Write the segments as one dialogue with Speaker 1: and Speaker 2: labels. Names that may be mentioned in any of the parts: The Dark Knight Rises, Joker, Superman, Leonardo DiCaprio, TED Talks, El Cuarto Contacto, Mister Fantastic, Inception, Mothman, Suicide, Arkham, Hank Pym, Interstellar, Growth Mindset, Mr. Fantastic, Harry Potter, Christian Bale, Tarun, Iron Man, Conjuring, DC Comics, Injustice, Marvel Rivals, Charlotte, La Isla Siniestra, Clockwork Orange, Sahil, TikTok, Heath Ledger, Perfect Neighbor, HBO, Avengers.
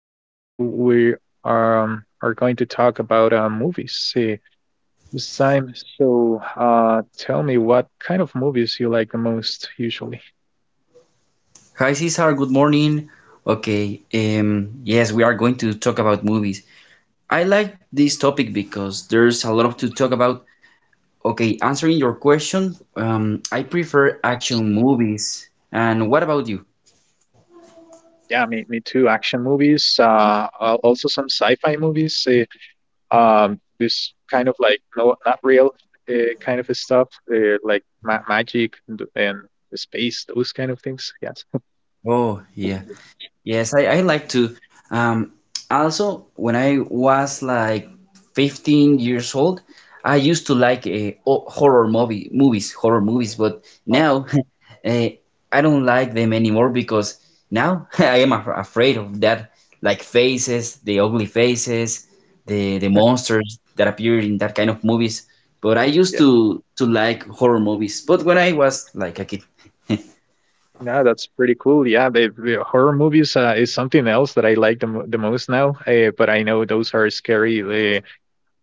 Speaker 1: Cesar. So we are going to talk about movies this time. So tell me what kind of movies you like the most usually.
Speaker 2: Hi Cesar, good morning. Okay, yes, we are going to talk about movies. I like this topic because there's a lot to talk about. Okay, answering your question, I prefer action movies. And what about you?
Speaker 1: Yeah, me too. Action movies, also some sci-fi movies. This kind of, like, no, not real kind of stuff, like ma magic and space, those kind of things. Yes.
Speaker 2: Oh, yeah. Yes, I like to. Um, Also, when I was like 15 years old, I used to like horror movies, horror movies, but
Speaker 1: Oh,
Speaker 2: now uh, I don't like them anymore because now I am af afraid of that, like faces, the ugly faces, the monsters that appear in that kind of movies. But I used
Speaker 1: yeah.
Speaker 2: to like horror movies, but when I was like a kid.
Speaker 1: No, that's pretty cool. Yeah, the horror movies is something else that I like the most now. But I know those are scary. The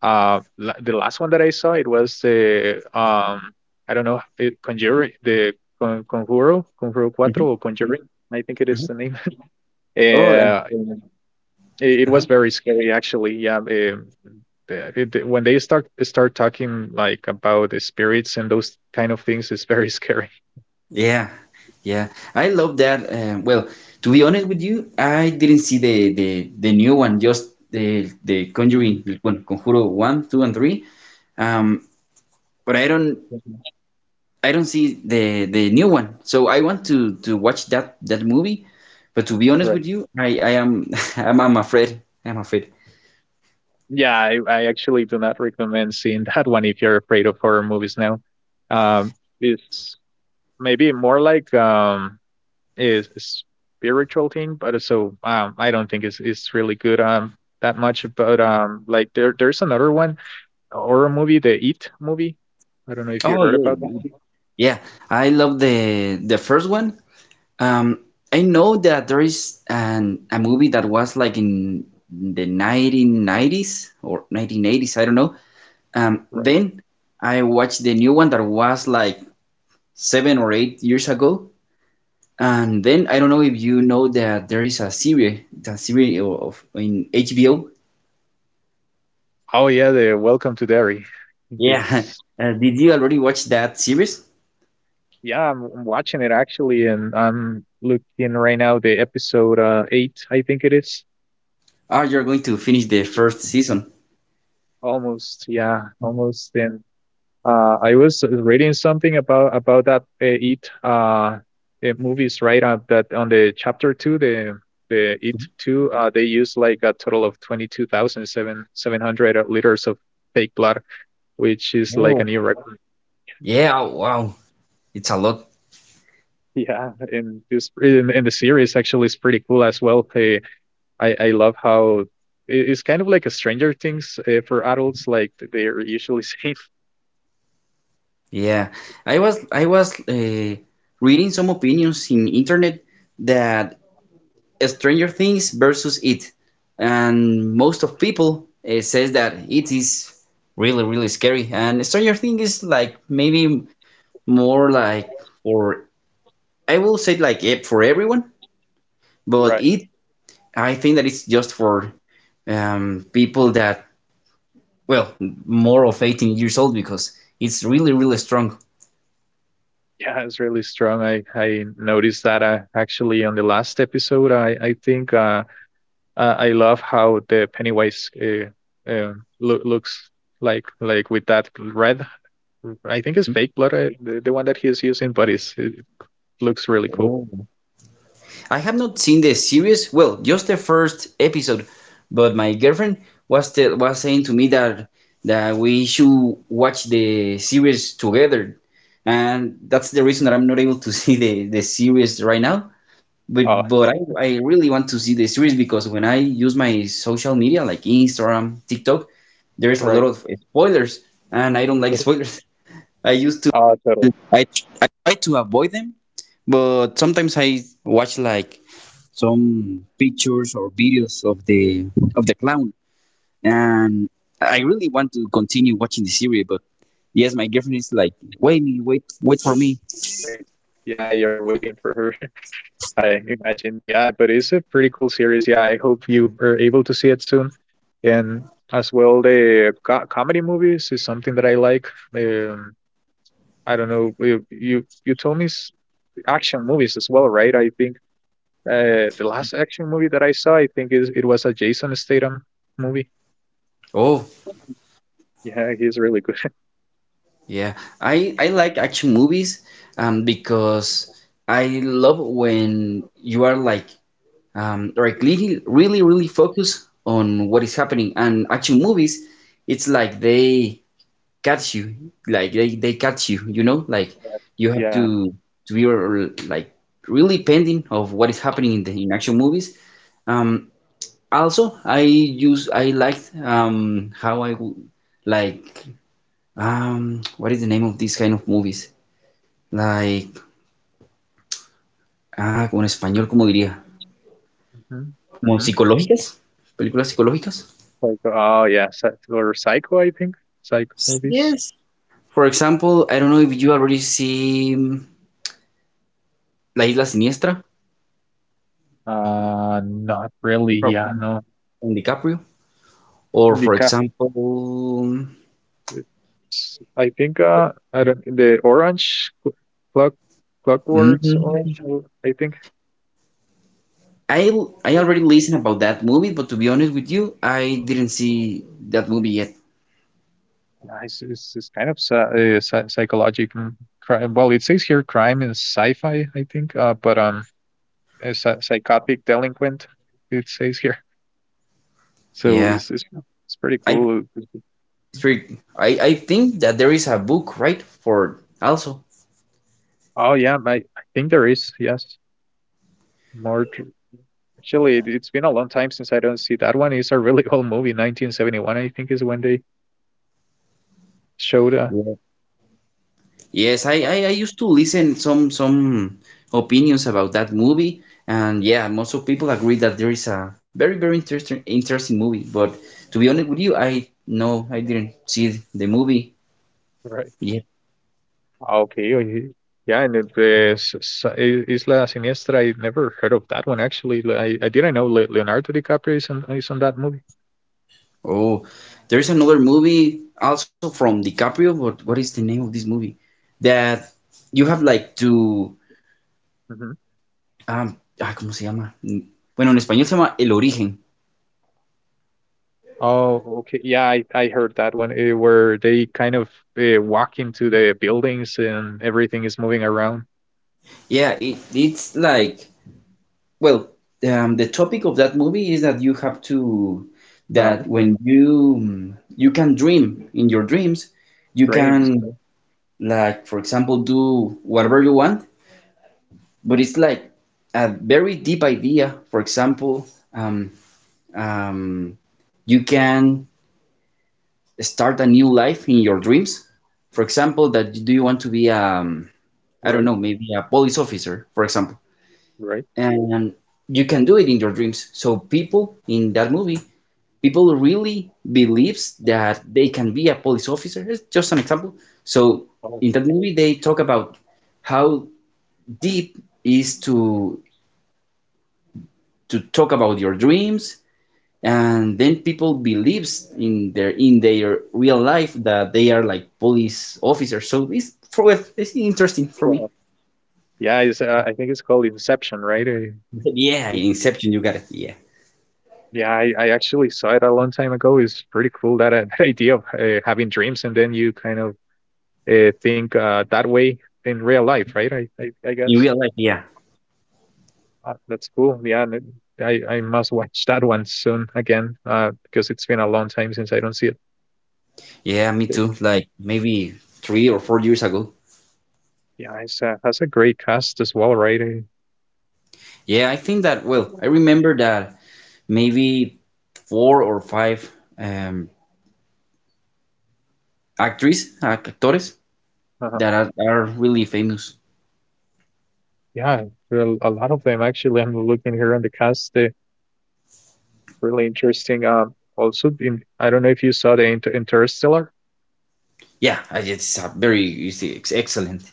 Speaker 1: uh, la- The last one that I saw it was the, I don't know it, Conjuring, the Conjuro,
Speaker 2: Mhm,
Speaker 1: Cuatro, or Conjuring, I think it is
Speaker 2: mhm.
Speaker 1: the name.
Speaker 2: Oh, uh,
Speaker 1: Yeah, and it
Speaker 2: uh-huh.
Speaker 1: was very scary actually. Yeah, when they start talking like about the spirits and those kind of things, it's very scary.
Speaker 2: Yeah, yeah. I love that. Well, to be honest with you, I didn't see the new one, just the
Speaker 1: Mhm.
Speaker 2: Conjuring, well, Conjuro one, two, and three. Um, but
Speaker 1: Mhm.
Speaker 2: I don't see the new one. So I want to watch that movie. But to be honest
Speaker 1: Right.
Speaker 2: with you, I am I'm afraid. I'm afraid.
Speaker 1: Yeah, I actually do not recommend seeing that one if you're afraid of horror movies now. Um, it's maybe more like, is a spiritual thing, but so I don't think it's really good that much. But like there's another one, a horror movie, the Eat movie. I don't know if you
Speaker 2: Oh
Speaker 1: heard
Speaker 2: yeah,
Speaker 1: about that.
Speaker 2: yeah. I love the first one. Um, I know that there is an a movie that was like in the 1990s or 1980s, I don't know.
Speaker 1: Right.
Speaker 2: Then I watched the new one that was like 7 or 8 years ago. And then I don't know if you know that there is a series of in HBO.
Speaker 1: Oh yeah, the Welcome to Derry.
Speaker 2: Yeah.
Speaker 1: Because
Speaker 2: Did you already watch that series?
Speaker 1: yeah, I'm watching it actually, and I'm looking right now the episode eight, I think it is.
Speaker 2: Or you're going to finish the first season?
Speaker 1: Almost, yeah, almost. And I was reading something about that it movies, right? That on the chapter two, the it two, they use like a total of twenty two thousand seven hundred liters of fake blood, which is like a
Speaker 2: Oh.
Speaker 1: new record.
Speaker 2: Yeah, wow. It's a lot.
Speaker 1: Yeah, and this in the series actually is pretty cool as well. I love how it's kind of like a Stranger Things for adults, like they're usually safe.
Speaker 2: Yeah, I was reading some opinions in internet that Stranger Things versus It, and most of people says that It is really really scary, and Stranger Things is like maybe more like for I will say like it for everyone, but It I think that it's just for people that well more of 18 years old because it's really really strong.
Speaker 1: Yeah, it's really strong. I noticed that actually on the last episode. I think I love how the Pennywise uh, looks like with that red. I think it's fake blood, the one that he's using, but it looks really cool.
Speaker 2: I have not seen the series. Well, just the first episode, but my girlfriend was saying to me that we should watch the series together, and that's the reason that I'm not able to see the series right now. But
Speaker 1: Oh,
Speaker 2: I really want to see the series because when I use my social media like Instagram, TikTok, there's a lot
Speaker 1: right.
Speaker 2: of spoilers, and I don't like spoilers. I
Speaker 1: Oh, totally. Wait. Yeah, you're waiting for her, I imagine, yeah, but it's a pretty cool series. Yeah, I hope you are able to see it soon. And as well, the comedy movies is something that I like. Um, I don't know, you told me action movies as well, right? I think the last action movie that I saw, I think is it was a Jason Statham movie.
Speaker 2: Oh,
Speaker 1: Yeah, he's really good at
Speaker 2: yeah. I like action movies because I love when you are like really really really focused on what is happening. And action movies, it's like they catch you, like they catch you, you know? Like
Speaker 1: that.
Speaker 2: you have to
Speaker 1: Yeah.
Speaker 2: be like really pending of what is happening in the in action movies. Um also, I liked how like what is the name of these kind of movies? Like, ah, como en español, ¿cómo diría?
Speaker 1: hmm
Speaker 2: ¿Como
Speaker 1: hmm
Speaker 2: psicológicas? ¿Películas psicológicas?
Speaker 1: Like, oh yeah, Psy- or Psycho, I think. Psycho movies.
Speaker 2: Yes. For example, I don't know if you already see La Isla Siniestra
Speaker 1: Not really.
Speaker 2: from,
Speaker 1: Yeah, no.
Speaker 2: from DiCaprio, or for
Speaker 1: Because
Speaker 2: example,
Speaker 1: I think I don't, the orange clock clockworks
Speaker 2: mm,
Speaker 1: orange, I think
Speaker 2: I I already listened about that movie, but to be honest with you, I didn't see that movie yet.
Speaker 1: yeah, it's kind of psychological crime. Well, it says here crime in sci-fi I think but a psychotic delinquent it says here. So
Speaker 2: Yeah,
Speaker 1: it's pretty
Speaker 2: I
Speaker 1: cool.
Speaker 2: I think that there is a book, right, for also.
Speaker 1: Oh yeah, my I think there is, yes, more. Actually, it's been a long time since I don't see that one. It's a really old movie, 1971 I think is when they showed,
Speaker 2: Yeah. Yes, I used to listen some opinions about that movie, and yeah, most of people agree that there is a very very interesting interesting movie. But to be honest with you, I no, I didn't see the movie.
Speaker 1: right.
Speaker 2: Yeah.
Speaker 1: Ah, okay. Okay. Yeah, and it, Isla Siniestra, I never heard of that one actually. I didn't know Le Leonardo DiCaprio is on that movie.
Speaker 2: Oh, there is another movie also from DiCaprio, but what is the name of this movie? That you have like to
Speaker 1: Hmm.
Speaker 2: ah, ¿cómo se llama? Bueno, en español se llama El Origen.
Speaker 1: Oh, okay. Yeah, I heard that one where they kind of walk into the buildings and everything is moving around.
Speaker 2: Yeah, it's like Well, the topic of that movie is that you have to
Speaker 1: Uh,
Speaker 2: that when you can dream in your dreams, you
Speaker 1: Frames, yeah,
Speaker 2: can like for example do whatever you want, but it's like a very deep idea. For example, um, um, you can start a new life in your dreams. For example, that do you want to be I don't
Speaker 1: right?
Speaker 2: know, maybe a police officer, for example,
Speaker 1: Right.
Speaker 2: and you can do it in your dreams. So people in that movie people really believes that they can be a police officer. It's just an example. So
Speaker 1: Oh,
Speaker 2: in that movie, they talk about how deep is to talk about your dreams, and then people believes in their real life that they are like police officers. So it's for it's interesting for me.
Speaker 1: wow. Yeah, I think it's called Inception, right?
Speaker 2: Yeah,
Speaker 1: Yes.
Speaker 2: Inception, you got it. Yeah,
Speaker 1: Yeah, I actually saw it a long time ago. It's pretty cool that, that idea of having dreams and then you kind of think that way in real life, right? I
Speaker 2: in
Speaker 1: guess
Speaker 2: real life, yeah.
Speaker 1: that's cool. Yeah, and I must watch that one soon again because it's been a long time since I don't see it.
Speaker 2: Yeah, me
Speaker 1: It-
Speaker 2: too. Like maybe 3 or 4 years ago.
Speaker 1: Yeah, it has a great cast as well, right?
Speaker 2: Yeah, I think that, well, I remember that maybe 4 or 5 um, actors, actors
Speaker 1: Uh,
Speaker 2: that are really famous.
Speaker 1: yeah, there are a lot of them actually. I'm looking here on the cast. They It's really interesting. Also, I don't know if you saw the Interstellar.
Speaker 2: Yeah, it's a very excellent.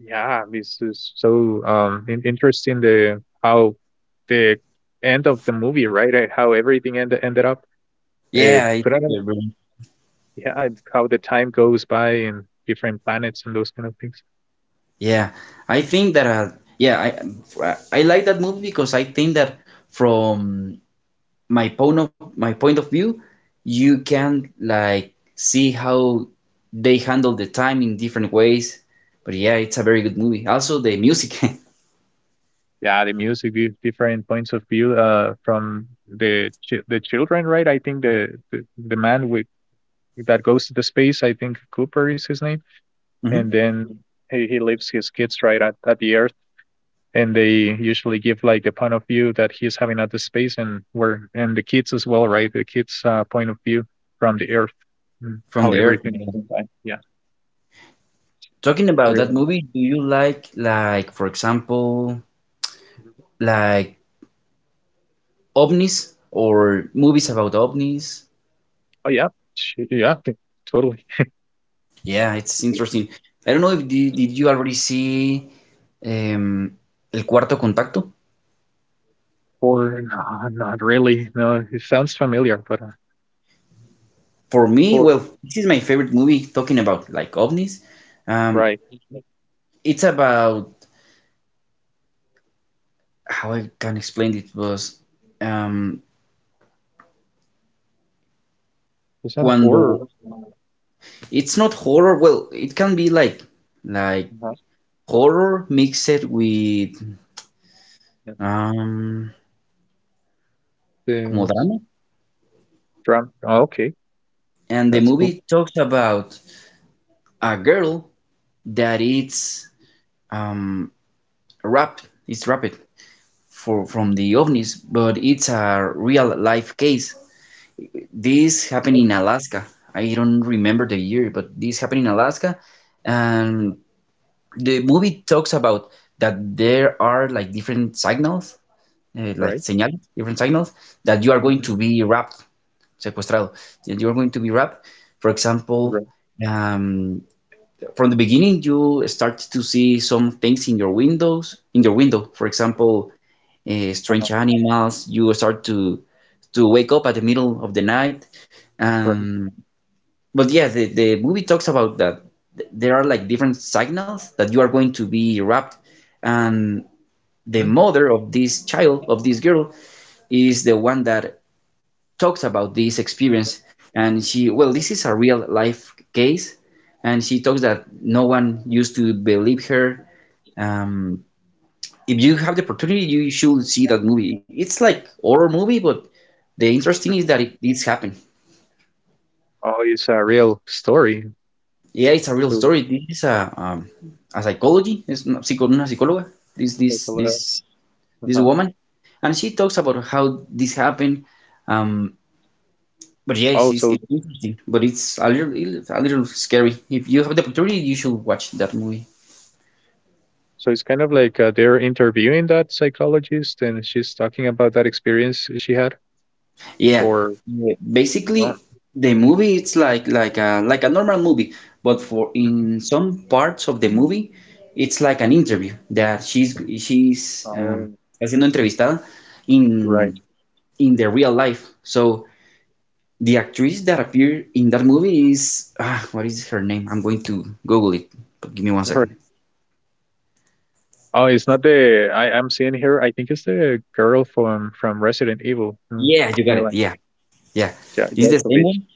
Speaker 1: Yeah, this is so, interesting, the how the end of the movie, right? How everything ended up.
Speaker 2: Yeah, it's
Speaker 1: Could I,
Speaker 2: very-
Speaker 1: yeah, it's how the time goes by and different planets and those kind of things.
Speaker 2: yeah. I think that yeah, I like that movie because I think that from my point of view, you can like see how they handle the time in different ways. But yeah, it's a very good movie. Also, the music
Speaker 1: Yeah, the music, the different points of view from the children, right? I think the man with that goes to the space, I think Cooper is his name, and
Speaker 2: Mhm.
Speaker 1: then he leaves his kids right at the Earth and they usually give like a point of view that he's having at the space and where and the kids as well, right? The kids' point of view from the Earth,
Speaker 2: from
Speaker 1: how
Speaker 2: the earth.
Speaker 1: everything is
Speaker 2: Yeah.
Speaker 1: inside. Yeah,
Speaker 2: Talking about that
Speaker 1: really.
Speaker 2: movie, do you like for example like ovnis or movies about ovnis?
Speaker 1: Oh yeah, Sh- yeah, t- totally.
Speaker 2: Yeah, it's interesting. I don't know if did you already see um, El Cuarto Contacto?
Speaker 1: Or no, not really. No, it sounds familiar, but
Speaker 2: For me,
Speaker 1: or
Speaker 2: well, this is my favorite movie talking about like ovnis. Um,
Speaker 1: right.
Speaker 2: it's about how I can explain it was um,
Speaker 1: Is an
Speaker 2: cuando
Speaker 1: or,
Speaker 2: it's not horror. Well, it can be like like
Speaker 1: uh,
Speaker 2: horror mixed with
Speaker 1: yeah,
Speaker 2: um como
Speaker 1: the
Speaker 2: drama.
Speaker 1: drum? Oh, okay,
Speaker 2: And the
Speaker 1: that's cool.
Speaker 2: movie talks about a girl that it's um, rap, it's rapid for from the ovnis, but it's a real life case. This happened
Speaker 1: Oh,
Speaker 2: in Alaska. I don't remember the year, but this happened in Alaska, and the movie talks about that there are like different signals, like
Speaker 1: right.
Speaker 2: señales, different signals that you are going to
Speaker 1: hmm
Speaker 2: be wrapped, secuestrado, that you are going to be wrapped. For
Speaker 1: Right.
Speaker 2: example, um, from the beginning you start to see some things in your windows in your window for example
Speaker 1: Uh-huh.
Speaker 2: strange animals you start to wake up at the middle of the night,
Speaker 1: Right.
Speaker 2: um, but yeah, the movie talks about that there are like different signals that you are going to be wrapped, and the
Speaker 1: Mm.
Speaker 2: mother of this child of this girl is the one that talks about this experience, and she well this is a real life case, and she talks that no one used to believe her. Um, if you have the opportunity, you should see that movie. It's like horror movie, but the interesting is that it's happened.
Speaker 1: Oh, it's a real story.
Speaker 2: Yeah, it's a real
Speaker 1: to
Speaker 2: story. This is a psychology. It's una, psico, una psicóloga. This this this
Speaker 1: psycholo-
Speaker 2: this
Speaker 1: uh-huh.
Speaker 2: woman, and she talks about how this happened. Um, but yes,
Speaker 1: Oh, so
Speaker 2: it's interesting, but it's a little scary. If you have the opportunity, you should watch that movie.
Speaker 1: so it's kind of like they're interviewing that psychologist, and she's talking about that experience she had,
Speaker 2: Yeah,
Speaker 1: or,
Speaker 2: yeah,
Speaker 1: oh.
Speaker 2: basically the movie it's like like a normal movie, but for in
Speaker 1: Mhm.
Speaker 2: some parts of the movie it's like an interview that she's
Speaker 1: Oh,
Speaker 2: haciendo entrevistada in
Speaker 1: right,
Speaker 2: the real life. So the actress that appeared in that movie is ah, what is her name? I'm going to Google it. But give me one second.
Speaker 1: right. Oh, it's not the, I'm seeing here. I think it's the girl from Resident Evil, mm.
Speaker 2: Yeah, you got
Speaker 1: Mila
Speaker 2: it. Yeah, yeah, it's the same
Speaker 1: Jovovich,
Speaker 2: one.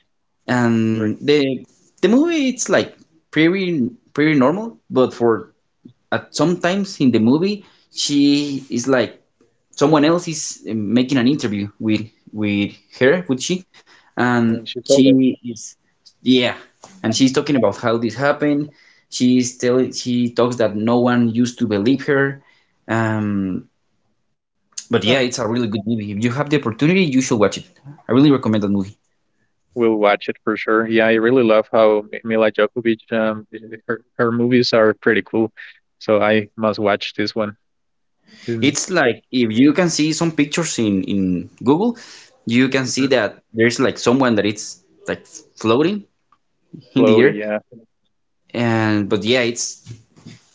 Speaker 1: right?
Speaker 2: And the movie it's like pretty pretty normal, but for at sometimes in the movie she is like someone else is making an interview with with her with she
Speaker 1: When
Speaker 2: and
Speaker 1: she's older.
Speaker 2: she is yeah and she's talking about how this happened she's telling she talks that no one used to believe her, um but yeah it's
Speaker 1: Huh.
Speaker 2: a really good movie if you have the opportunity you should watch it. I really recommend that movie.
Speaker 1: We'll watch it for sure. Yeah, I really love how Mila Jovovich, her movies are pretty cool. So I must watch this one. Mm.
Speaker 2: It's like if you can see some pictures in Google you can see
Speaker 1: Yeah.
Speaker 2: that there's like someone that it's like floating in the
Speaker 1: Floaty.
Speaker 2: air.
Speaker 1: Yeah,
Speaker 2: And but yeah, it's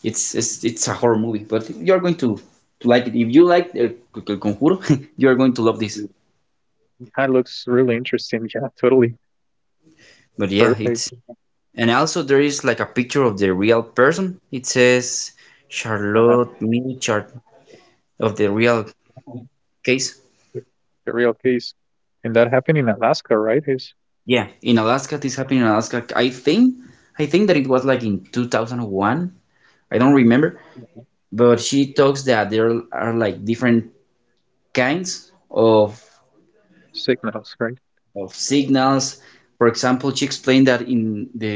Speaker 2: it's it's, it's a horror movie, but you're going to like it. If you like El Conjuro, you are going to love this.
Speaker 1: that looks really interesting. Yeah, totally
Speaker 2: But yeah,
Speaker 1: perfect.
Speaker 2: it's and also there is like a picture of the real person. It says
Speaker 1: Uh
Speaker 2: Charlotte mini chart of the real
Speaker 1: huh.
Speaker 2: case.
Speaker 1: The real case, and that happened in Alaska, right? Is
Speaker 2: Yeah, in Alaska, this happened in Alaska. I think that it was like in 2001. I don't remember, but she talks that there are like different kinds of
Speaker 1: signals, right?
Speaker 2: signals. For example, she explained that in the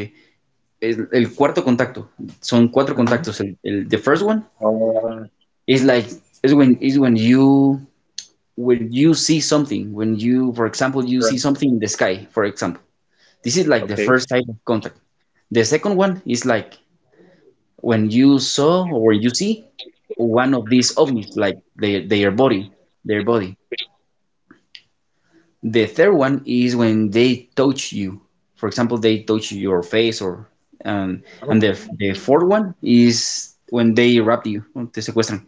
Speaker 2: el cuarto contacto, son cuatro
Speaker 1: Mm-hmm.
Speaker 2: contactos. The first one
Speaker 1: Uh,
Speaker 2: is like is when you see something. When you, for example, you
Speaker 1: right.
Speaker 2: see something in the sky. For example, this is like the
Speaker 1: Okay.
Speaker 2: first type of contact. The second one is like when you saw or you see one of these ovnis, like their body, their body. The third one is when they touch you. For example, they touch your face, or um,
Speaker 1: Oh,
Speaker 2: and the fourth one is when they rape you, te secuestran.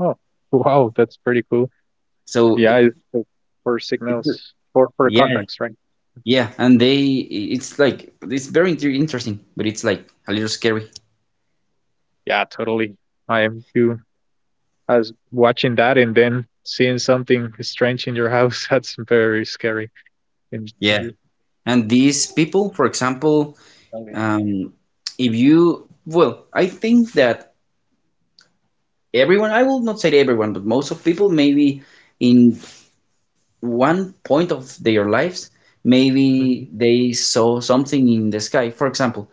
Speaker 1: oh, wow, that's pretty cool.
Speaker 2: So
Speaker 1: Yeah, it's for
Speaker 2: it,
Speaker 1: signals for
Speaker 2: yeah,
Speaker 1: contacts, right?
Speaker 2: yeah, and they, it's like it's very interesting, but it's like a little scary.
Speaker 1: Yeah, totally. I am too. As watching that and then seeing something strange in your house, that's very scary. And,
Speaker 2: Yeah. And these people, for example,
Speaker 1: I mean.
Speaker 2: um, if you, well, I think that everyone, I will not say everyone, but most of people, maybe in one point of their lives,
Speaker 1: Mhm.
Speaker 2: maybe they saw something in the sky, for example.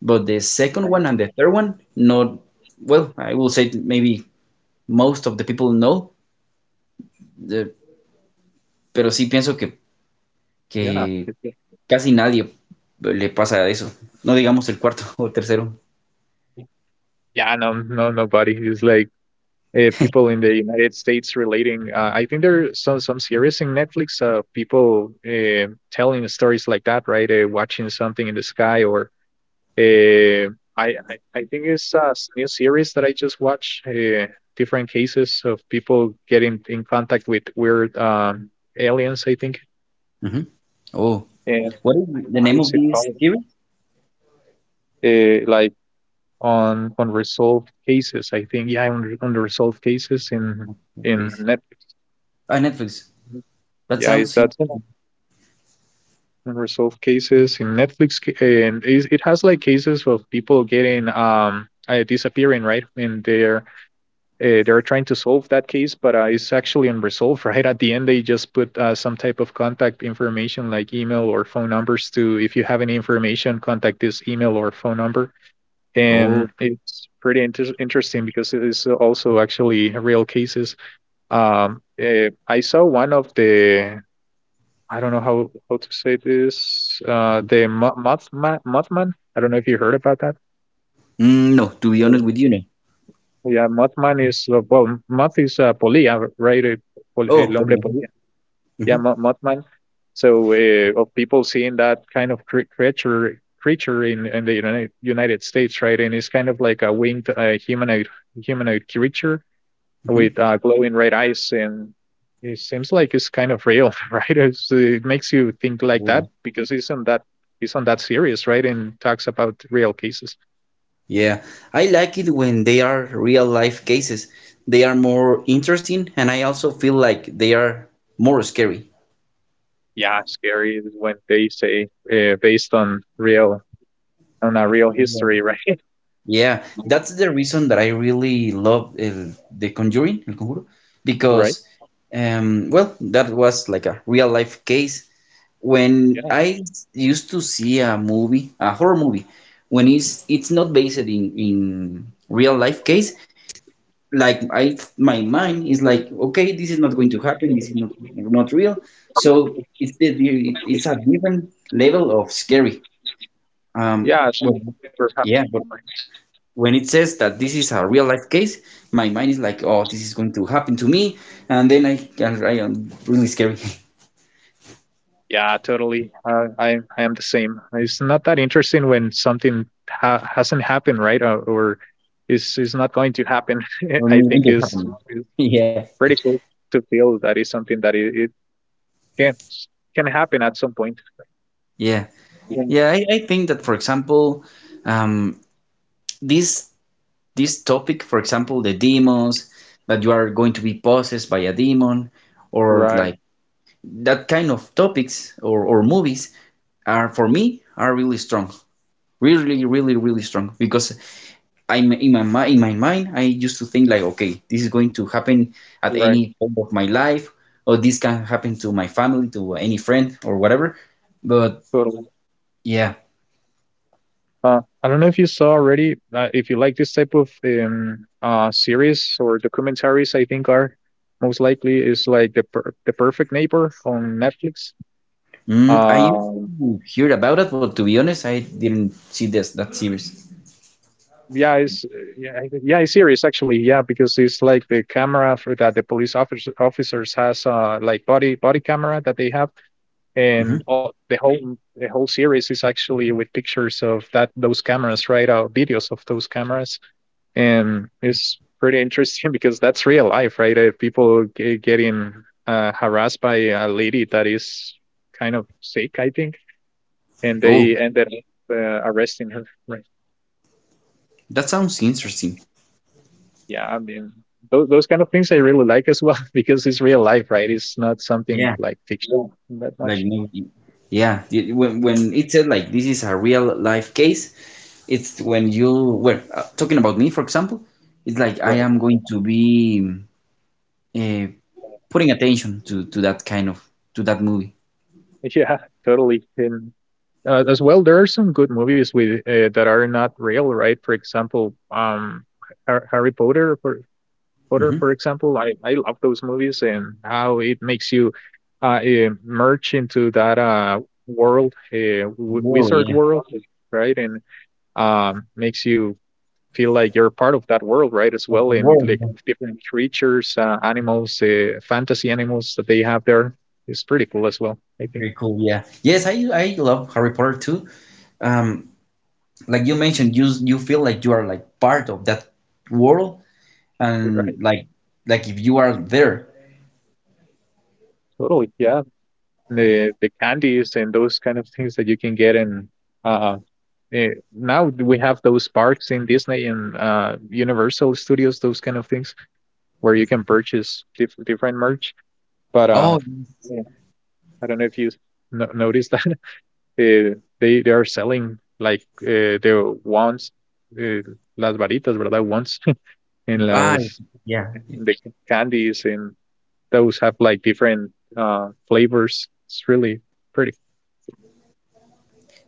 Speaker 2: But the second
Speaker 1: Right.
Speaker 2: one and the third one, not, well, I will say that maybe most of the people no, eh, pero sí pienso que,
Speaker 1: Yeah.
Speaker 2: que casi nadie le pasa eso. No digamos el cuarto o tercero.
Speaker 1: Yeah, no, no, nobody. It's like people in the United States relating. I think there are some series in Netflix of people telling stories like that, right? Watching something in the sky, or uh, I think it's a new series that I just watched. Different cases of people getting in contact with weird aliens. I think,
Speaker 2: Mhm. Oh,
Speaker 1: and
Speaker 2: what is
Speaker 1: I don't know
Speaker 2: the
Speaker 1: how
Speaker 2: name
Speaker 1: is
Speaker 2: of
Speaker 1: it
Speaker 2: this
Speaker 1: called.
Speaker 2: series?
Speaker 1: Like on unresolved cases. I think yeah, on unresolved cases in
Speaker 2: Please.
Speaker 1: Netflix.
Speaker 2: Ah, Netflix. That
Speaker 1: Yeah, is
Speaker 2: sounds.
Speaker 1: that it? Unresolved cases in Netflix? And it has like cases of people getting disappearing, right? And they're trying to solve that case, but it's actually unresolved, right? At the end, they just put some type of contact information like email or phone numbers to, if you have any information, contact this email or phone number. And
Speaker 2: Oh,
Speaker 1: it's pretty interesting because it is also actually real cases. I saw one of the, I don't know how to say this, the Mothman. I don't know if you heard about that.
Speaker 2: no. To be honest with
Speaker 1: Mm.
Speaker 2: you, no.
Speaker 1: Yeah, Mothman is, well, Moth is polilla, right? El
Speaker 2: Oh, for
Speaker 1: hombre polilla. Yeah,
Speaker 2: Mhm,
Speaker 1: Mothman. So of people seeing that kind of creature in the United States, right? And it's kind of like a winged humanoid creature with glowing red eyes, and it seems like it's kind of real, right? It makes you think like
Speaker 2: mhm.
Speaker 1: that because it's on that series, right? And talks about real cases.
Speaker 2: Yeah, I like it when they are real life cases. They are more interesting, and I also feel like they are more scary.
Speaker 1: Yeah, scary when they say based on real on a real
Speaker 2: Yeah.
Speaker 1: history, right?
Speaker 2: Yeah, that's the reason that I really love The Conjuring, El Conjuro,
Speaker 1: Right?
Speaker 2: because, well, that was like a real life case. When
Speaker 1: Yeah,
Speaker 2: I used to see a movie, a horror movie, when it's not based in real life case, like I my mind is like, okay, this is not going to happen, this is not real, so it's it's a different level of scary.
Speaker 1: yeah, it's
Speaker 2: Well,
Speaker 1: never
Speaker 2: yeah,
Speaker 1: happened.
Speaker 2: but when it says that this is a real life case, my mind is like, oh, this is going to happen to me, and then I am really scary
Speaker 1: Yeah, totally. I am the same. It's not that interesting when something hasn't happened, right? Or is not going to happen. I
Speaker 2: when
Speaker 1: think
Speaker 2: it
Speaker 1: is
Speaker 2: happened. Yeah,
Speaker 1: pretty cool to feel that is something that it can can happen at some point.
Speaker 2: yeah,
Speaker 1: Yeah.
Speaker 2: yeah, I think that, for example, um this this topic, for example, the demons, that you are going to be possessed by a demon, or like
Speaker 1: Right,
Speaker 2: that kind of topics, or movies, are, for me, are really strong. Really, really, really strong. Because I'm in my mind, I used to think like, okay, this is going to happen at
Speaker 1: right,
Speaker 2: any point of my life, or this can happen to my family, to any friend, or whatever. But
Speaker 1: totally.
Speaker 2: yeah,
Speaker 1: I don't know if you saw already, if you like this type of series or documentaries, I think are most likely is like the Perfect Neighbor on Netflix.
Speaker 2: I used
Speaker 1: Um,
Speaker 2: to hear about it, but to be honest, I didn't see this that series.
Speaker 1: yeah, it's yeah, I think- yeah, it's serious actually. Yeah, because it's like the camera for that the police officers has like body camera that they have
Speaker 2: Mhm.
Speaker 1: and all, the whole series is actually with pictures of that those cameras, right? Videos of those cameras, and it's pretty interesting because that's real life, right? People getting harassed by a lady that is kind of sick, I think, and
Speaker 2: Oh.
Speaker 1: they ended up uh, arresting her, right?
Speaker 2: That sounds interesting.
Speaker 1: Yeah, I mean those kind of things I really like as well because it's real life, right? It's not something
Speaker 2: Yeah,
Speaker 1: like fiction that much.
Speaker 2: like nobody. Yeah, when
Speaker 1: Mm,
Speaker 2: it said, like, this is a real life case, it's when you were talking about me, for example, it's like I
Speaker 1: right.
Speaker 2: am going to be uh, putting attention to that kind of to that movie.
Speaker 1: Yeah, totally. And as well, there are some good movies with that are not real, right? For example, Har- Harry Potter, for Potter, for
Speaker 2: Hmm.
Speaker 1: example, I love those movies and how it makes you merge into that world,
Speaker 2: Oh,
Speaker 1: wizard
Speaker 2: yeah,
Speaker 1: world, right? And makes you feel like you're part of that world, right? As
Speaker 2: like
Speaker 1: well,
Speaker 2: the
Speaker 1: and
Speaker 2: world.
Speaker 1: like
Speaker 2: Yeah.
Speaker 1: different creatures, animals, fantasy animals that they have there. It's pretty cool as well, I think.
Speaker 2: Very cool. Yeah. Yes, I love Harry Potter too. Um, like you mentioned, you feel like you are like part of that world, and
Speaker 1: Right.
Speaker 2: like if you are there.
Speaker 1: Totally. Yeah. The candies and those kind of things that you can get in uh eh, now we have those parks in Disney and Universal Studios, those kind of things where you can purchase different merch, but uh,
Speaker 2: Oh.
Speaker 1: yeah, I don't know if you no noticed that. eh, they are selling like the ones, uh, las varitas, verdad, ones, and
Speaker 2: Ah,
Speaker 1: las
Speaker 2: yeah.
Speaker 1: the candies, and those have like different flavors. It's really pretty.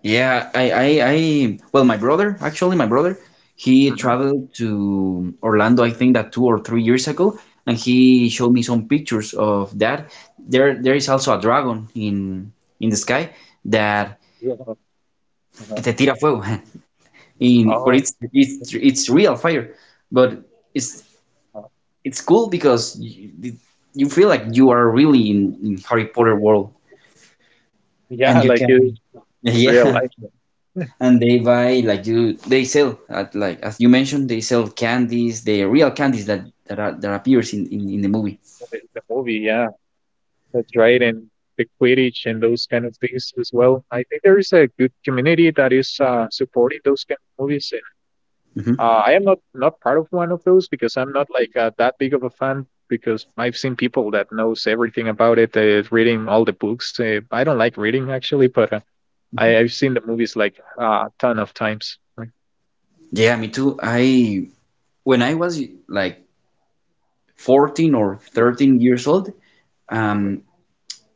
Speaker 2: Yeah, well, my brother, actually, my brother, he
Speaker 1: Hmm.
Speaker 2: traveled to Orlando, I think that 2 or 3 years ago, and he showed me some pictures of that. There is also a dragon in the sky, that que te tira fuego, but
Speaker 1: Oh,
Speaker 2: it's real fire, but it's
Speaker 1: uh,
Speaker 2: it's cool because you feel like you are really in Harry Potter world, and
Speaker 1: yeah,
Speaker 2: you
Speaker 1: like
Speaker 2: can,
Speaker 1: it's real
Speaker 2: yeah,
Speaker 1: life.
Speaker 2: and they buy, like, you, they sell at, like, as you mentioned, they sell candies, the real candies that appears in the movie.
Speaker 1: The movie, yeah, that's right. And the Quidditch and those kind of things as well. I think there is a good community that is supporting those kind of movies. And
Speaker 2: Hmm.
Speaker 1: I am not part of one of those because I'm not like that big of a fan. Because I've seen people that knows everything about it, reading all the books. I don't like reading actually, but I've seen the movies like a ton of times. Right.
Speaker 2: Yeah, me too. I, when I was like 14 or 13 years old,
Speaker 1: Right.
Speaker 2: um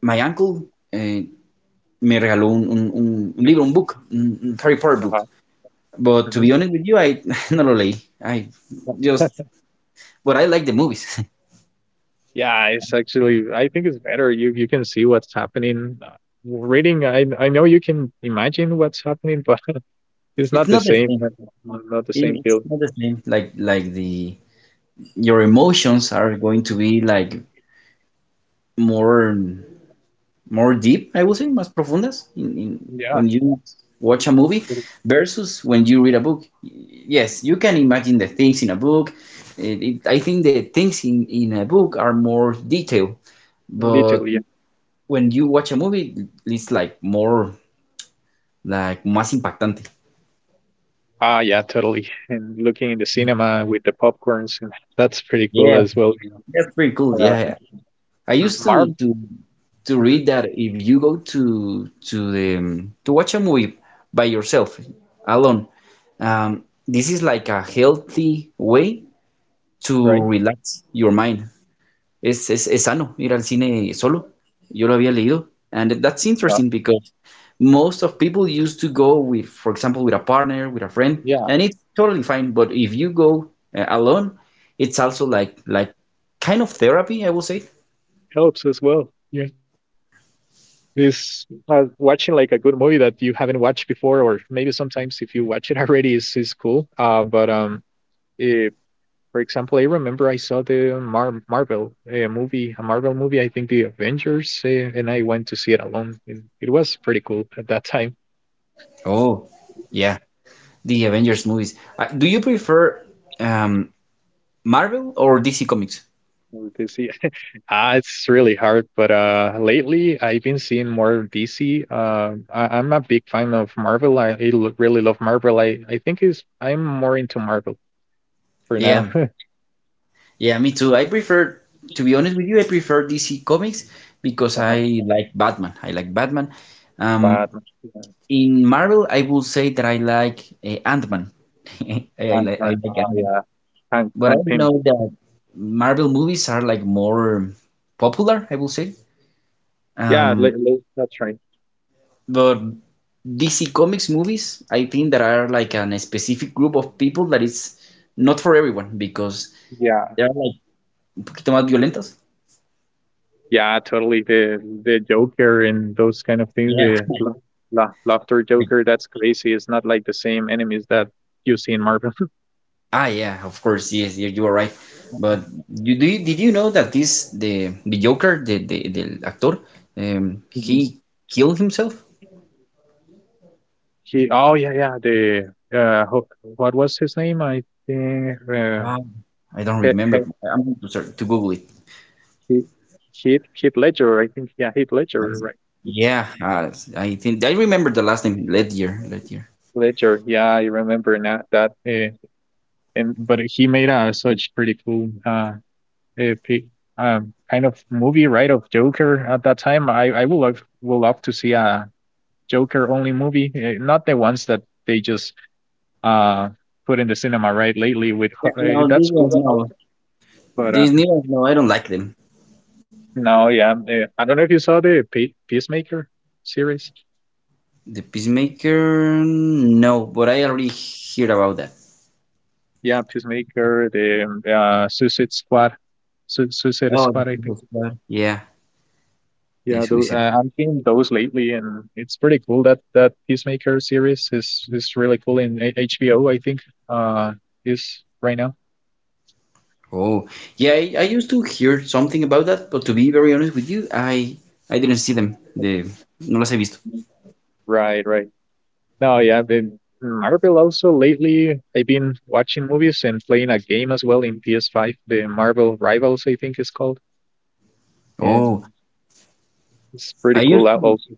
Speaker 2: my uncle, eh, me regaló un libro, un book, un Harry Potter book,
Speaker 1: Uh-huh.
Speaker 2: but to
Speaker 1: Mhm.
Speaker 2: be honest with you, I not really, I just but I like the movies.
Speaker 1: Yeah, it's actually, I think it's better. You can see what's happening. Reading, I know you can imagine what's happening, but it's
Speaker 2: it's
Speaker 1: not the
Speaker 2: not the
Speaker 1: same.
Speaker 2: same
Speaker 1: Not the
Speaker 2: It-
Speaker 1: same feel.
Speaker 2: it's not the same, like, the your emotions are going to be like more more deep, I would say, más profundas in
Speaker 1: Yeah,
Speaker 2: when you watch a movie versus when you read a book. Yes, you can imagine the things in a book. I think the things in a book are more detailed, but
Speaker 1: literally.
Speaker 2: when you watch a movie, it's like more like más impactante.
Speaker 1: Ah, yeah, totally. And looking in the cinema with the popcorns, and that's pretty cool
Speaker 2: Yeah,
Speaker 1: as well. You know.
Speaker 2: that's pretty cool.
Speaker 1: Uh,
Speaker 2: Yeah, I used
Speaker 1: Marv,
Speaker 2: to
Speaker 1: hmm
Speaker 2: read that if you go to watch a movie by yourself alone, this is like a healthy way to
Speaker 1: Right?
Speaker 2: relax your mind. Es sano ir al cine solo. Yo lo había leído. And that's
Speaker 1: Well,
Speaker 2: interesting because most of people used to go with, for example, with a partner, with a friend,
Speaker 1: yeah,
Speaker 2: and it's totally fine. But if you go alone, it's also like kind of therapy, I would say.
Speaker 1: helps as well. Yeah. It's watching like a good movie that you haven't watched before, or maybe sometimes if you watch it already, is cool. Eh, for example, I remember I saw the Marvel movie, a Marvel movie, I think the Avengers, and I went to see it alone. It was pretty cool at that time.
Speaker 2: Oh, yeah, the Avengers movies. Do you prefer um, Marvel or DC Comics?
Speaker 1: To see, ah, it's really hard. But lately I've been seeing more DC. I'm a big fan of Marvel. Really love Marvel. I think is I'm more into Marvel for now.
Speaker 2: Yeah, yeah, me too. I prefer, to be honest with you, I prefer DC Comics because I like Batman. I like Batman. Um,
Speaker 1: Bad, yeah,
Speaker 2: in Marvel, I will say that I like Ant-Man.
Speaker 1: Bad,
Speaker 2: I like Ant-Man,
Speaker 1: yeah. Hank,
Speaker 2: but I
Speaker 1: Hank Pym.
Speaker 2: know that Marvel movies are like more popular, I will say.
Speaker 1: Yeah,
Speaker 2: Um,
Speaker 1: that's right.
Speaker 2: But DC Comics movies, I think there are like an a specific group of people that it's not for everyone because
Speaker 1: Yeah,
Speaker 2: they are like un poquito más violentas.
Speaker 1: yeah, totally. The Joker and those kind of things.
Speaker 2: Yeah.
Speaker 1: The laughter
Speaker 2: Like,
Speaker 1: Joker. That's crazy. It's not like the same enemies that you see in Marvel.
Speaker 2: ah, yeah, of course, yes, you are right. But
Speaker 1: Mhm.
Speaker 2: did you know that this the, Joker, the actor,
Speaker 1: Mhm.
Speaker 2: he killed himself?
Speaker 1: He. Oh yeah, yeah. The what was his name? I think
Speaker 2: Wow. I don't
Speaker 1: he, he,
Speaker 2: remember. I'm going to, sorry, to Google it.
Speaker 1: he, Heath Ledger. I think, yeah, Heath Ledger. Right.
Speaker 2: Yeah, I think I remember the last name, Ledger, Ledger.
Speaker 1: Ledger. Yeah, I remember now that. And but he made a such pretty cool eh, pe- kind of movie, right, of Joker at that time. I would love to see a Joker only movie, not the ones that they just uh put in the cinema, right, lately. With
Speaker 2: No, this
Speaker 1: that's
Speaker 2: one's
Speaker 1: cool
Speaker 2: no.
Speaker 1: also, but
Speaker 2: These new ones, no, I don't like them.
Speaker 1: no, yeah, I don't know if you saw the Peacemaker series.
Speaker 2: The Peacemaker, no, but I already heard about that.
Speaker 1: Yeah, Peacemaker, the Suicide Squad, Suicide
Speaker 2: Oh,
Speaker 1: Squad, I think.
Speaker 2: the God. Yeah, the
Speaker 1: Yeah,
Speaker 2: Suicide.
Speaker 1: I'm seeing those lately, and it's pretty cool that that Peacemaker series is really cool in HBO, I think, uh, is right now.
Speaker 2: Oh, yeah, I used to hear something about that, but to be very honest with you, I didn't see them. The no las he visto.
Speaker 1: Right, right. No, yeah, I've been hmm, Marvel also lately. I've been watching movies and playing a game as well in PS5, the Marvel Rivals, I think is called,
Speaker 2: Oh,
Speaker 1: and it's
Speaker 2: I
Speaker 1: pretty cool
Speaker 2: used
Speaker 1: out
Speaker 2: to
Speaker 1: also.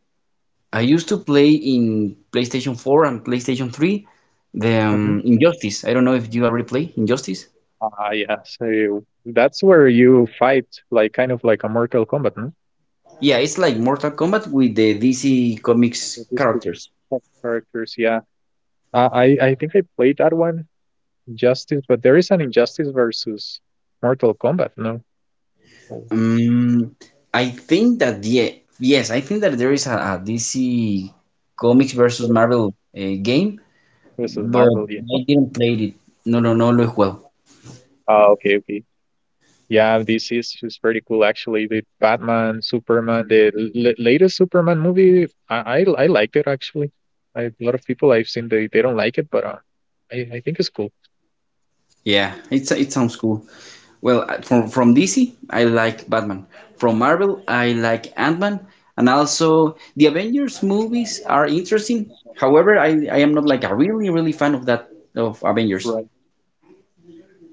Speaker 2: I used to play in PlayStation 4 and PlayStation 3 the
Speaker 1: Mhm.
Speaker 2: Injustice. I don't know if you already play Injustice.
Speaker 1: Ah, yeah. So that's where you fight, like kind of like a Mortal Kombat, no?
Speaker 2: Yeah, it's like Mortal Kombat with the DC
Speaker 1: With
Speaker 2: Comics
Speaker 1: these two
Speaker 2: characters.
Speaker 1: characters, yeah. I think I played that one, Justice, but there is an Injustice versus Mortal Kombat, no? Or
Speaker 2: Mm, I think that, yeah, yes, I think that there is a DC Comics versus Marvel game,
Speaker 1: Versus
Speaker 2: but
Speaker 1: Marvel, yeah.
Speaker 2: I didn't play it. No, no, no, lo he jugado.
Speaker 1: Oh, okay, okay. Yeah, this is pretty cool actually. The Batman, Superman, the l latest Superman movie, I liked it actually. I, a lot of people I've seen, they don't like it, but I think it's cool.
Speaker 2: Yeah, it's, it sounds cool. Well, from DC, I like Batman. From Marvel, I like Ant-Man, and also the Avengers movies are interesting. However, I am not like a really, really fan of that, of Avengers.
Speaker 1: Right.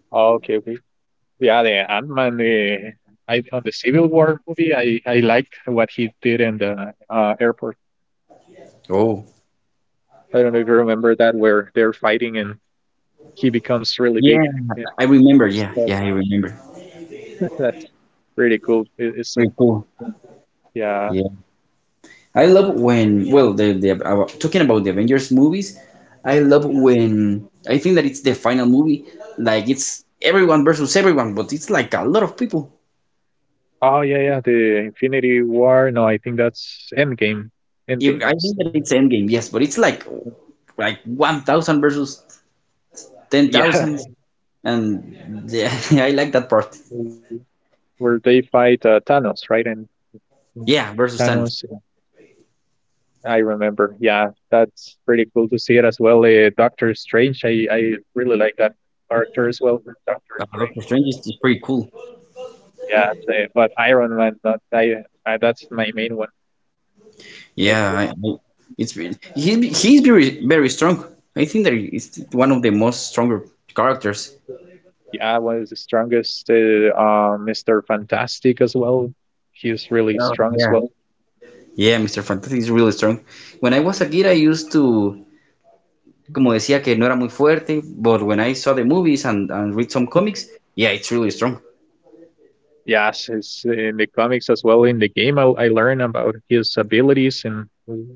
Speaker 1: Oh, okay, okay. Yeah, the Ant-Man, the I on the Civil War movie, I liked what he did in the airport.
Speaker 2: Oh.
Speaker 1: I don't know if you remember that, where they're fighting and he becomes really big.
Speaker 2: Yeah,
Speaker 1: Yeah.
Speaker 2: I remember. Yeah,
Speaker 1: So
Speaker 2: yeah, I remember.
Speaker 1: that's pretty cool. It
Speaker 2: Very
Speaker 1: seemed.
Speaker 2: cool.
Speaker 1: Yeah.
Speaker 2: Yeah. I love when, well, talking about the Avengers movies, I love when, I think that it's the final movie, like it's everyone versus everyone, but it's like a lot of people.
Speaker 1: Oh yeah, yeah. The Infinity War. No, I think that's Endgame.
Speaker 2: If, I
Speaker 1: Endgame is.
Speaker 2: think that it's Endgame, yes, but it's like 1,000 versus 10,000,
Speaker 1: Yeah,
Speaker 2: and yeah, I like that part.
Speaker 1: where they fight Thanos, right? And mm,
Speaker 2: Yeah, versus Thanos.
Speaker 1: Thanos. I remember. Yeah, that's pretty cool to see it as well. Doctor Strange. I really like that character as well. Doctor Strange.
Speaker 2: Doctor Strange is pretty cool.
Speaker 1: Yeah, so but Iron Man, that I that's my main one. I-
Speaker 2: Yeah, I, it's re- he's be- he's very, very strong. I think that he's one of the most stronger characters.
Speaker 1: Yeah, one of the strongest. Mister Fantastic as well. He's really
Speaker 2: Oh,
Speaker 1: strong as
Speaker 2: yeah.
Speaker 1: well.
Speaker 2: Yeah, Mr. Fantastic is really strong. When I was a kid, I used to, como decía, que no era muy fuerte, but when I saw the movies and read some comics, yeah, it's really strong.
Speaker 1: Yes, it's in the comics as well. In the game, I learn about his abilities and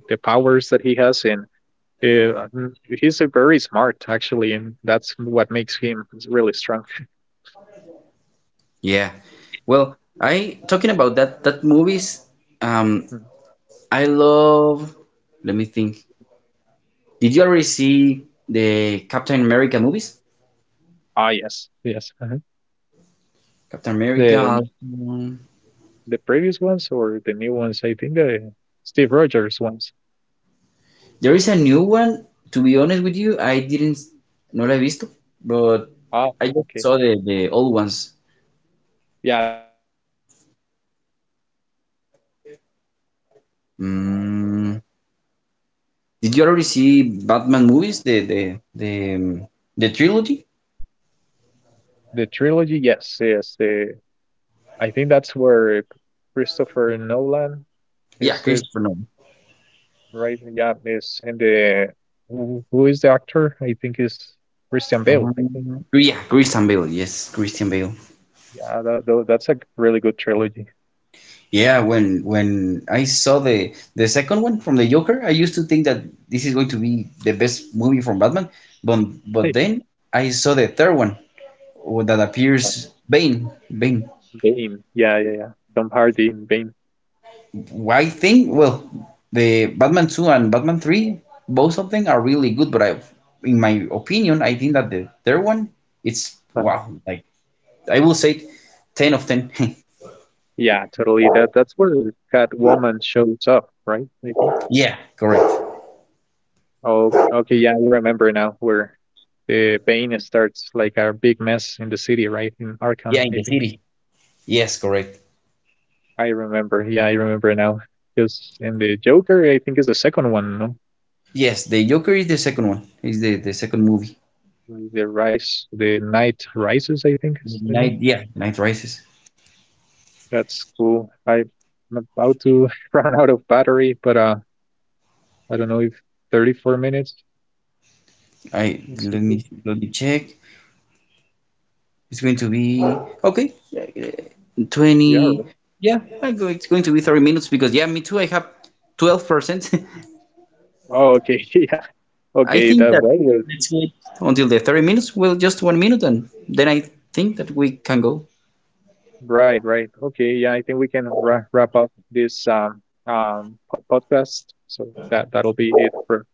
Speaker 1: the powers that he has, and uh, he's a very smart actually, and that's what makes him really strong.
Speaker 2: Yeah. Well, talking about that movies, um,
Speaker 1: Mm.
Speaker 2: I love, let me think. Did you already see the Captain America movies?
Speaker 1: Ah, yes, yes.
Speaker 2: Captain America,
Speaker 1: The the previous ones or the new ones? I think the Steve Rogers ones.
Speaker 2: there is a new one, to be honest with you, I didn't, no la he visto, but
Speaker 1: Oh,
Speaker 2: I just
Speaker 1: okay.
Speaker 2: saw the old ones.
Speaker 1: Yeah, the old ones are the best. The new one, not that much. Just I just like the Hulk,
Speaker 2: Mm.
Speaker 1: for example.
Speaker 2: Did you already see Batman movies? The trilogy?
Speaker 1: Mm. The trilogy, yes, yes. The I think that's where Christopher Nolan
Speaker 2: Yeah,
Speaker 1: is, it
Speaker 2: Christopher Nolan.
Speaker 1: right? Yeah, is in the who is the actor? I think is Christian Bale. I think.
Speaker 2: Yeah, Christian Bale. Yes, Christian Bale.
Speaker 1: Yeah, that's a really good trilogy.
Speaker 2: Yeah, when I saw the second one from the Joker, I used to think that this is going to be the best movie from Batman, but
Speaker 1: Hey,
Speaker 2: then I saw the third one, or that
Speaker 1: uh,
Speaker 2: appears Bane, Bane.
Speaker 1: Bane. Yeah, yeah, yeah. Tom Hardy in Bane.
Speaker 2: I think, well, the Batman 2 and Batman 3, both of them are really good. But I, in my opinion, I think that the third one, it's,
Speaker 1: Uh,
Speaker 2: wow. Like, I will say, 10 of 10.
Speaker 1: yeah, totally. That's where Catwoman shows up, right? I think.
Speaker 2: Yeah, correct.
Speaker 1: Oh, okay, yeah, I remember now, where the Bane starts like a big mess in the city, right? In
Speaker 2: Yeah,
Speaker 1: Arkham,
Speaker 2: in
Speaker 1: I
Speaker 2: the
Speaker 1: think.
Speaker 2: city. Yes, correct.
Speaker 1: I remember. Yeah, I remember now. Just And the Joker, I think, is the second one, no?
Speaker 2: Yes, the Joker is the second one. Is the second movie.
Speaker 1: Like, The Rise, the Night Rises, I think is the name.
Speaker 2: Night. Yeah, Night Rises.
Speaker 1: That's cool. I'm about to run out of battery, but I don't know if 34 minutes.
Speaker 2: I
Speaker 1: Is
Speaker 2: let
Speaker 1: okay.
Speaker 2: me check. It's going to be okay.
Speaker 1: Yeah.
Speaker 2: 20.
Speaker 1: right.
Speaker 2: Yeah, it's going to be 30 minutes, because, yeah, me too. I have 12%.
Speaker 1: Oh, okay. Yeah.
Speaker 2: I
Speaker 1: Okay.
Speaker 2: think
Speaker 1: That
Speaker 2: that
Speaker 1: way.
Speaker 2: let's wait until the 30 minutes. Well, just 1 minute, and then I think that we can go.
Speaker 1: Right, right. Okay, yeah, I think we can wrap up this podcast. So that'll be it for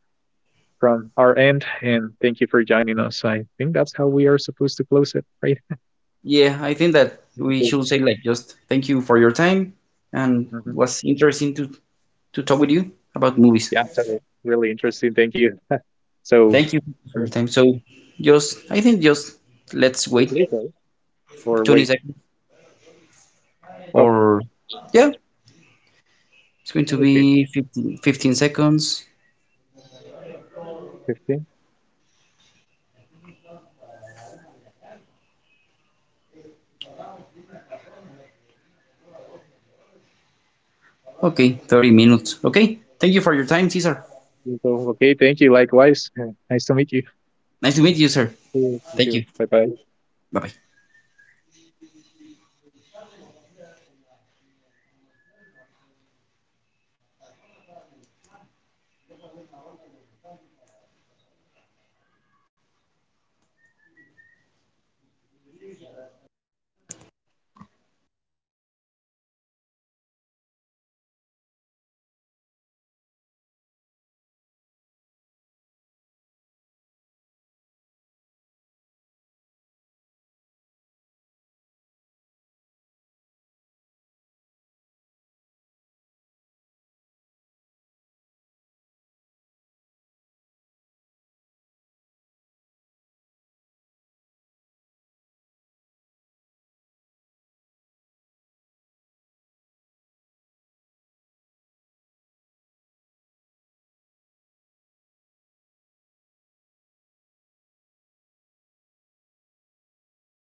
Speaker 1: from our end. And thank you for joining us. I think that's how we are supposed to close it, right?
Speaker 2: Yeah, I think that we
Speaker 1: Okay.
Speaker 2: should say, like, just thank you for your time, and it
Speaker 1: Hmm.
Speaker 2: was interesting to talk with you about movies.
Speaker 1: Yeah, that was really interesting. Thank you. So
Speaker 2: Thank you
Speaker 1: I
Speaker 2: for your
Speaker 1: think
Speaker 2: time. So just, I think, just let's
Speaker 1: just
Speaker 2: wait
Speaker 1: leave, right? Or
Speaker 2: twenty
Speaker 1: wait.
Speaker 2: seconds
Speaker 1: Oh,
Speaker 2: or yeah. It's going to
Speaker 1: okay,
Speaker 2: be 15, fifteen seconds.
Speaker 1: 15.
Speaker 2: Okay, 30 minutes. Okay, thank you for your time, Cesar.
Speaker 1: So okay, thank you. Likewise. Nice to meet you.
Speaker 2: Nice to meet you, sir.
Speaker 1: Thank
Speaker 2: Thank
Speaker 1: you.
Speaker 2: you.
Speaker 1: Bye bye.
Speaker 2: Bye bye.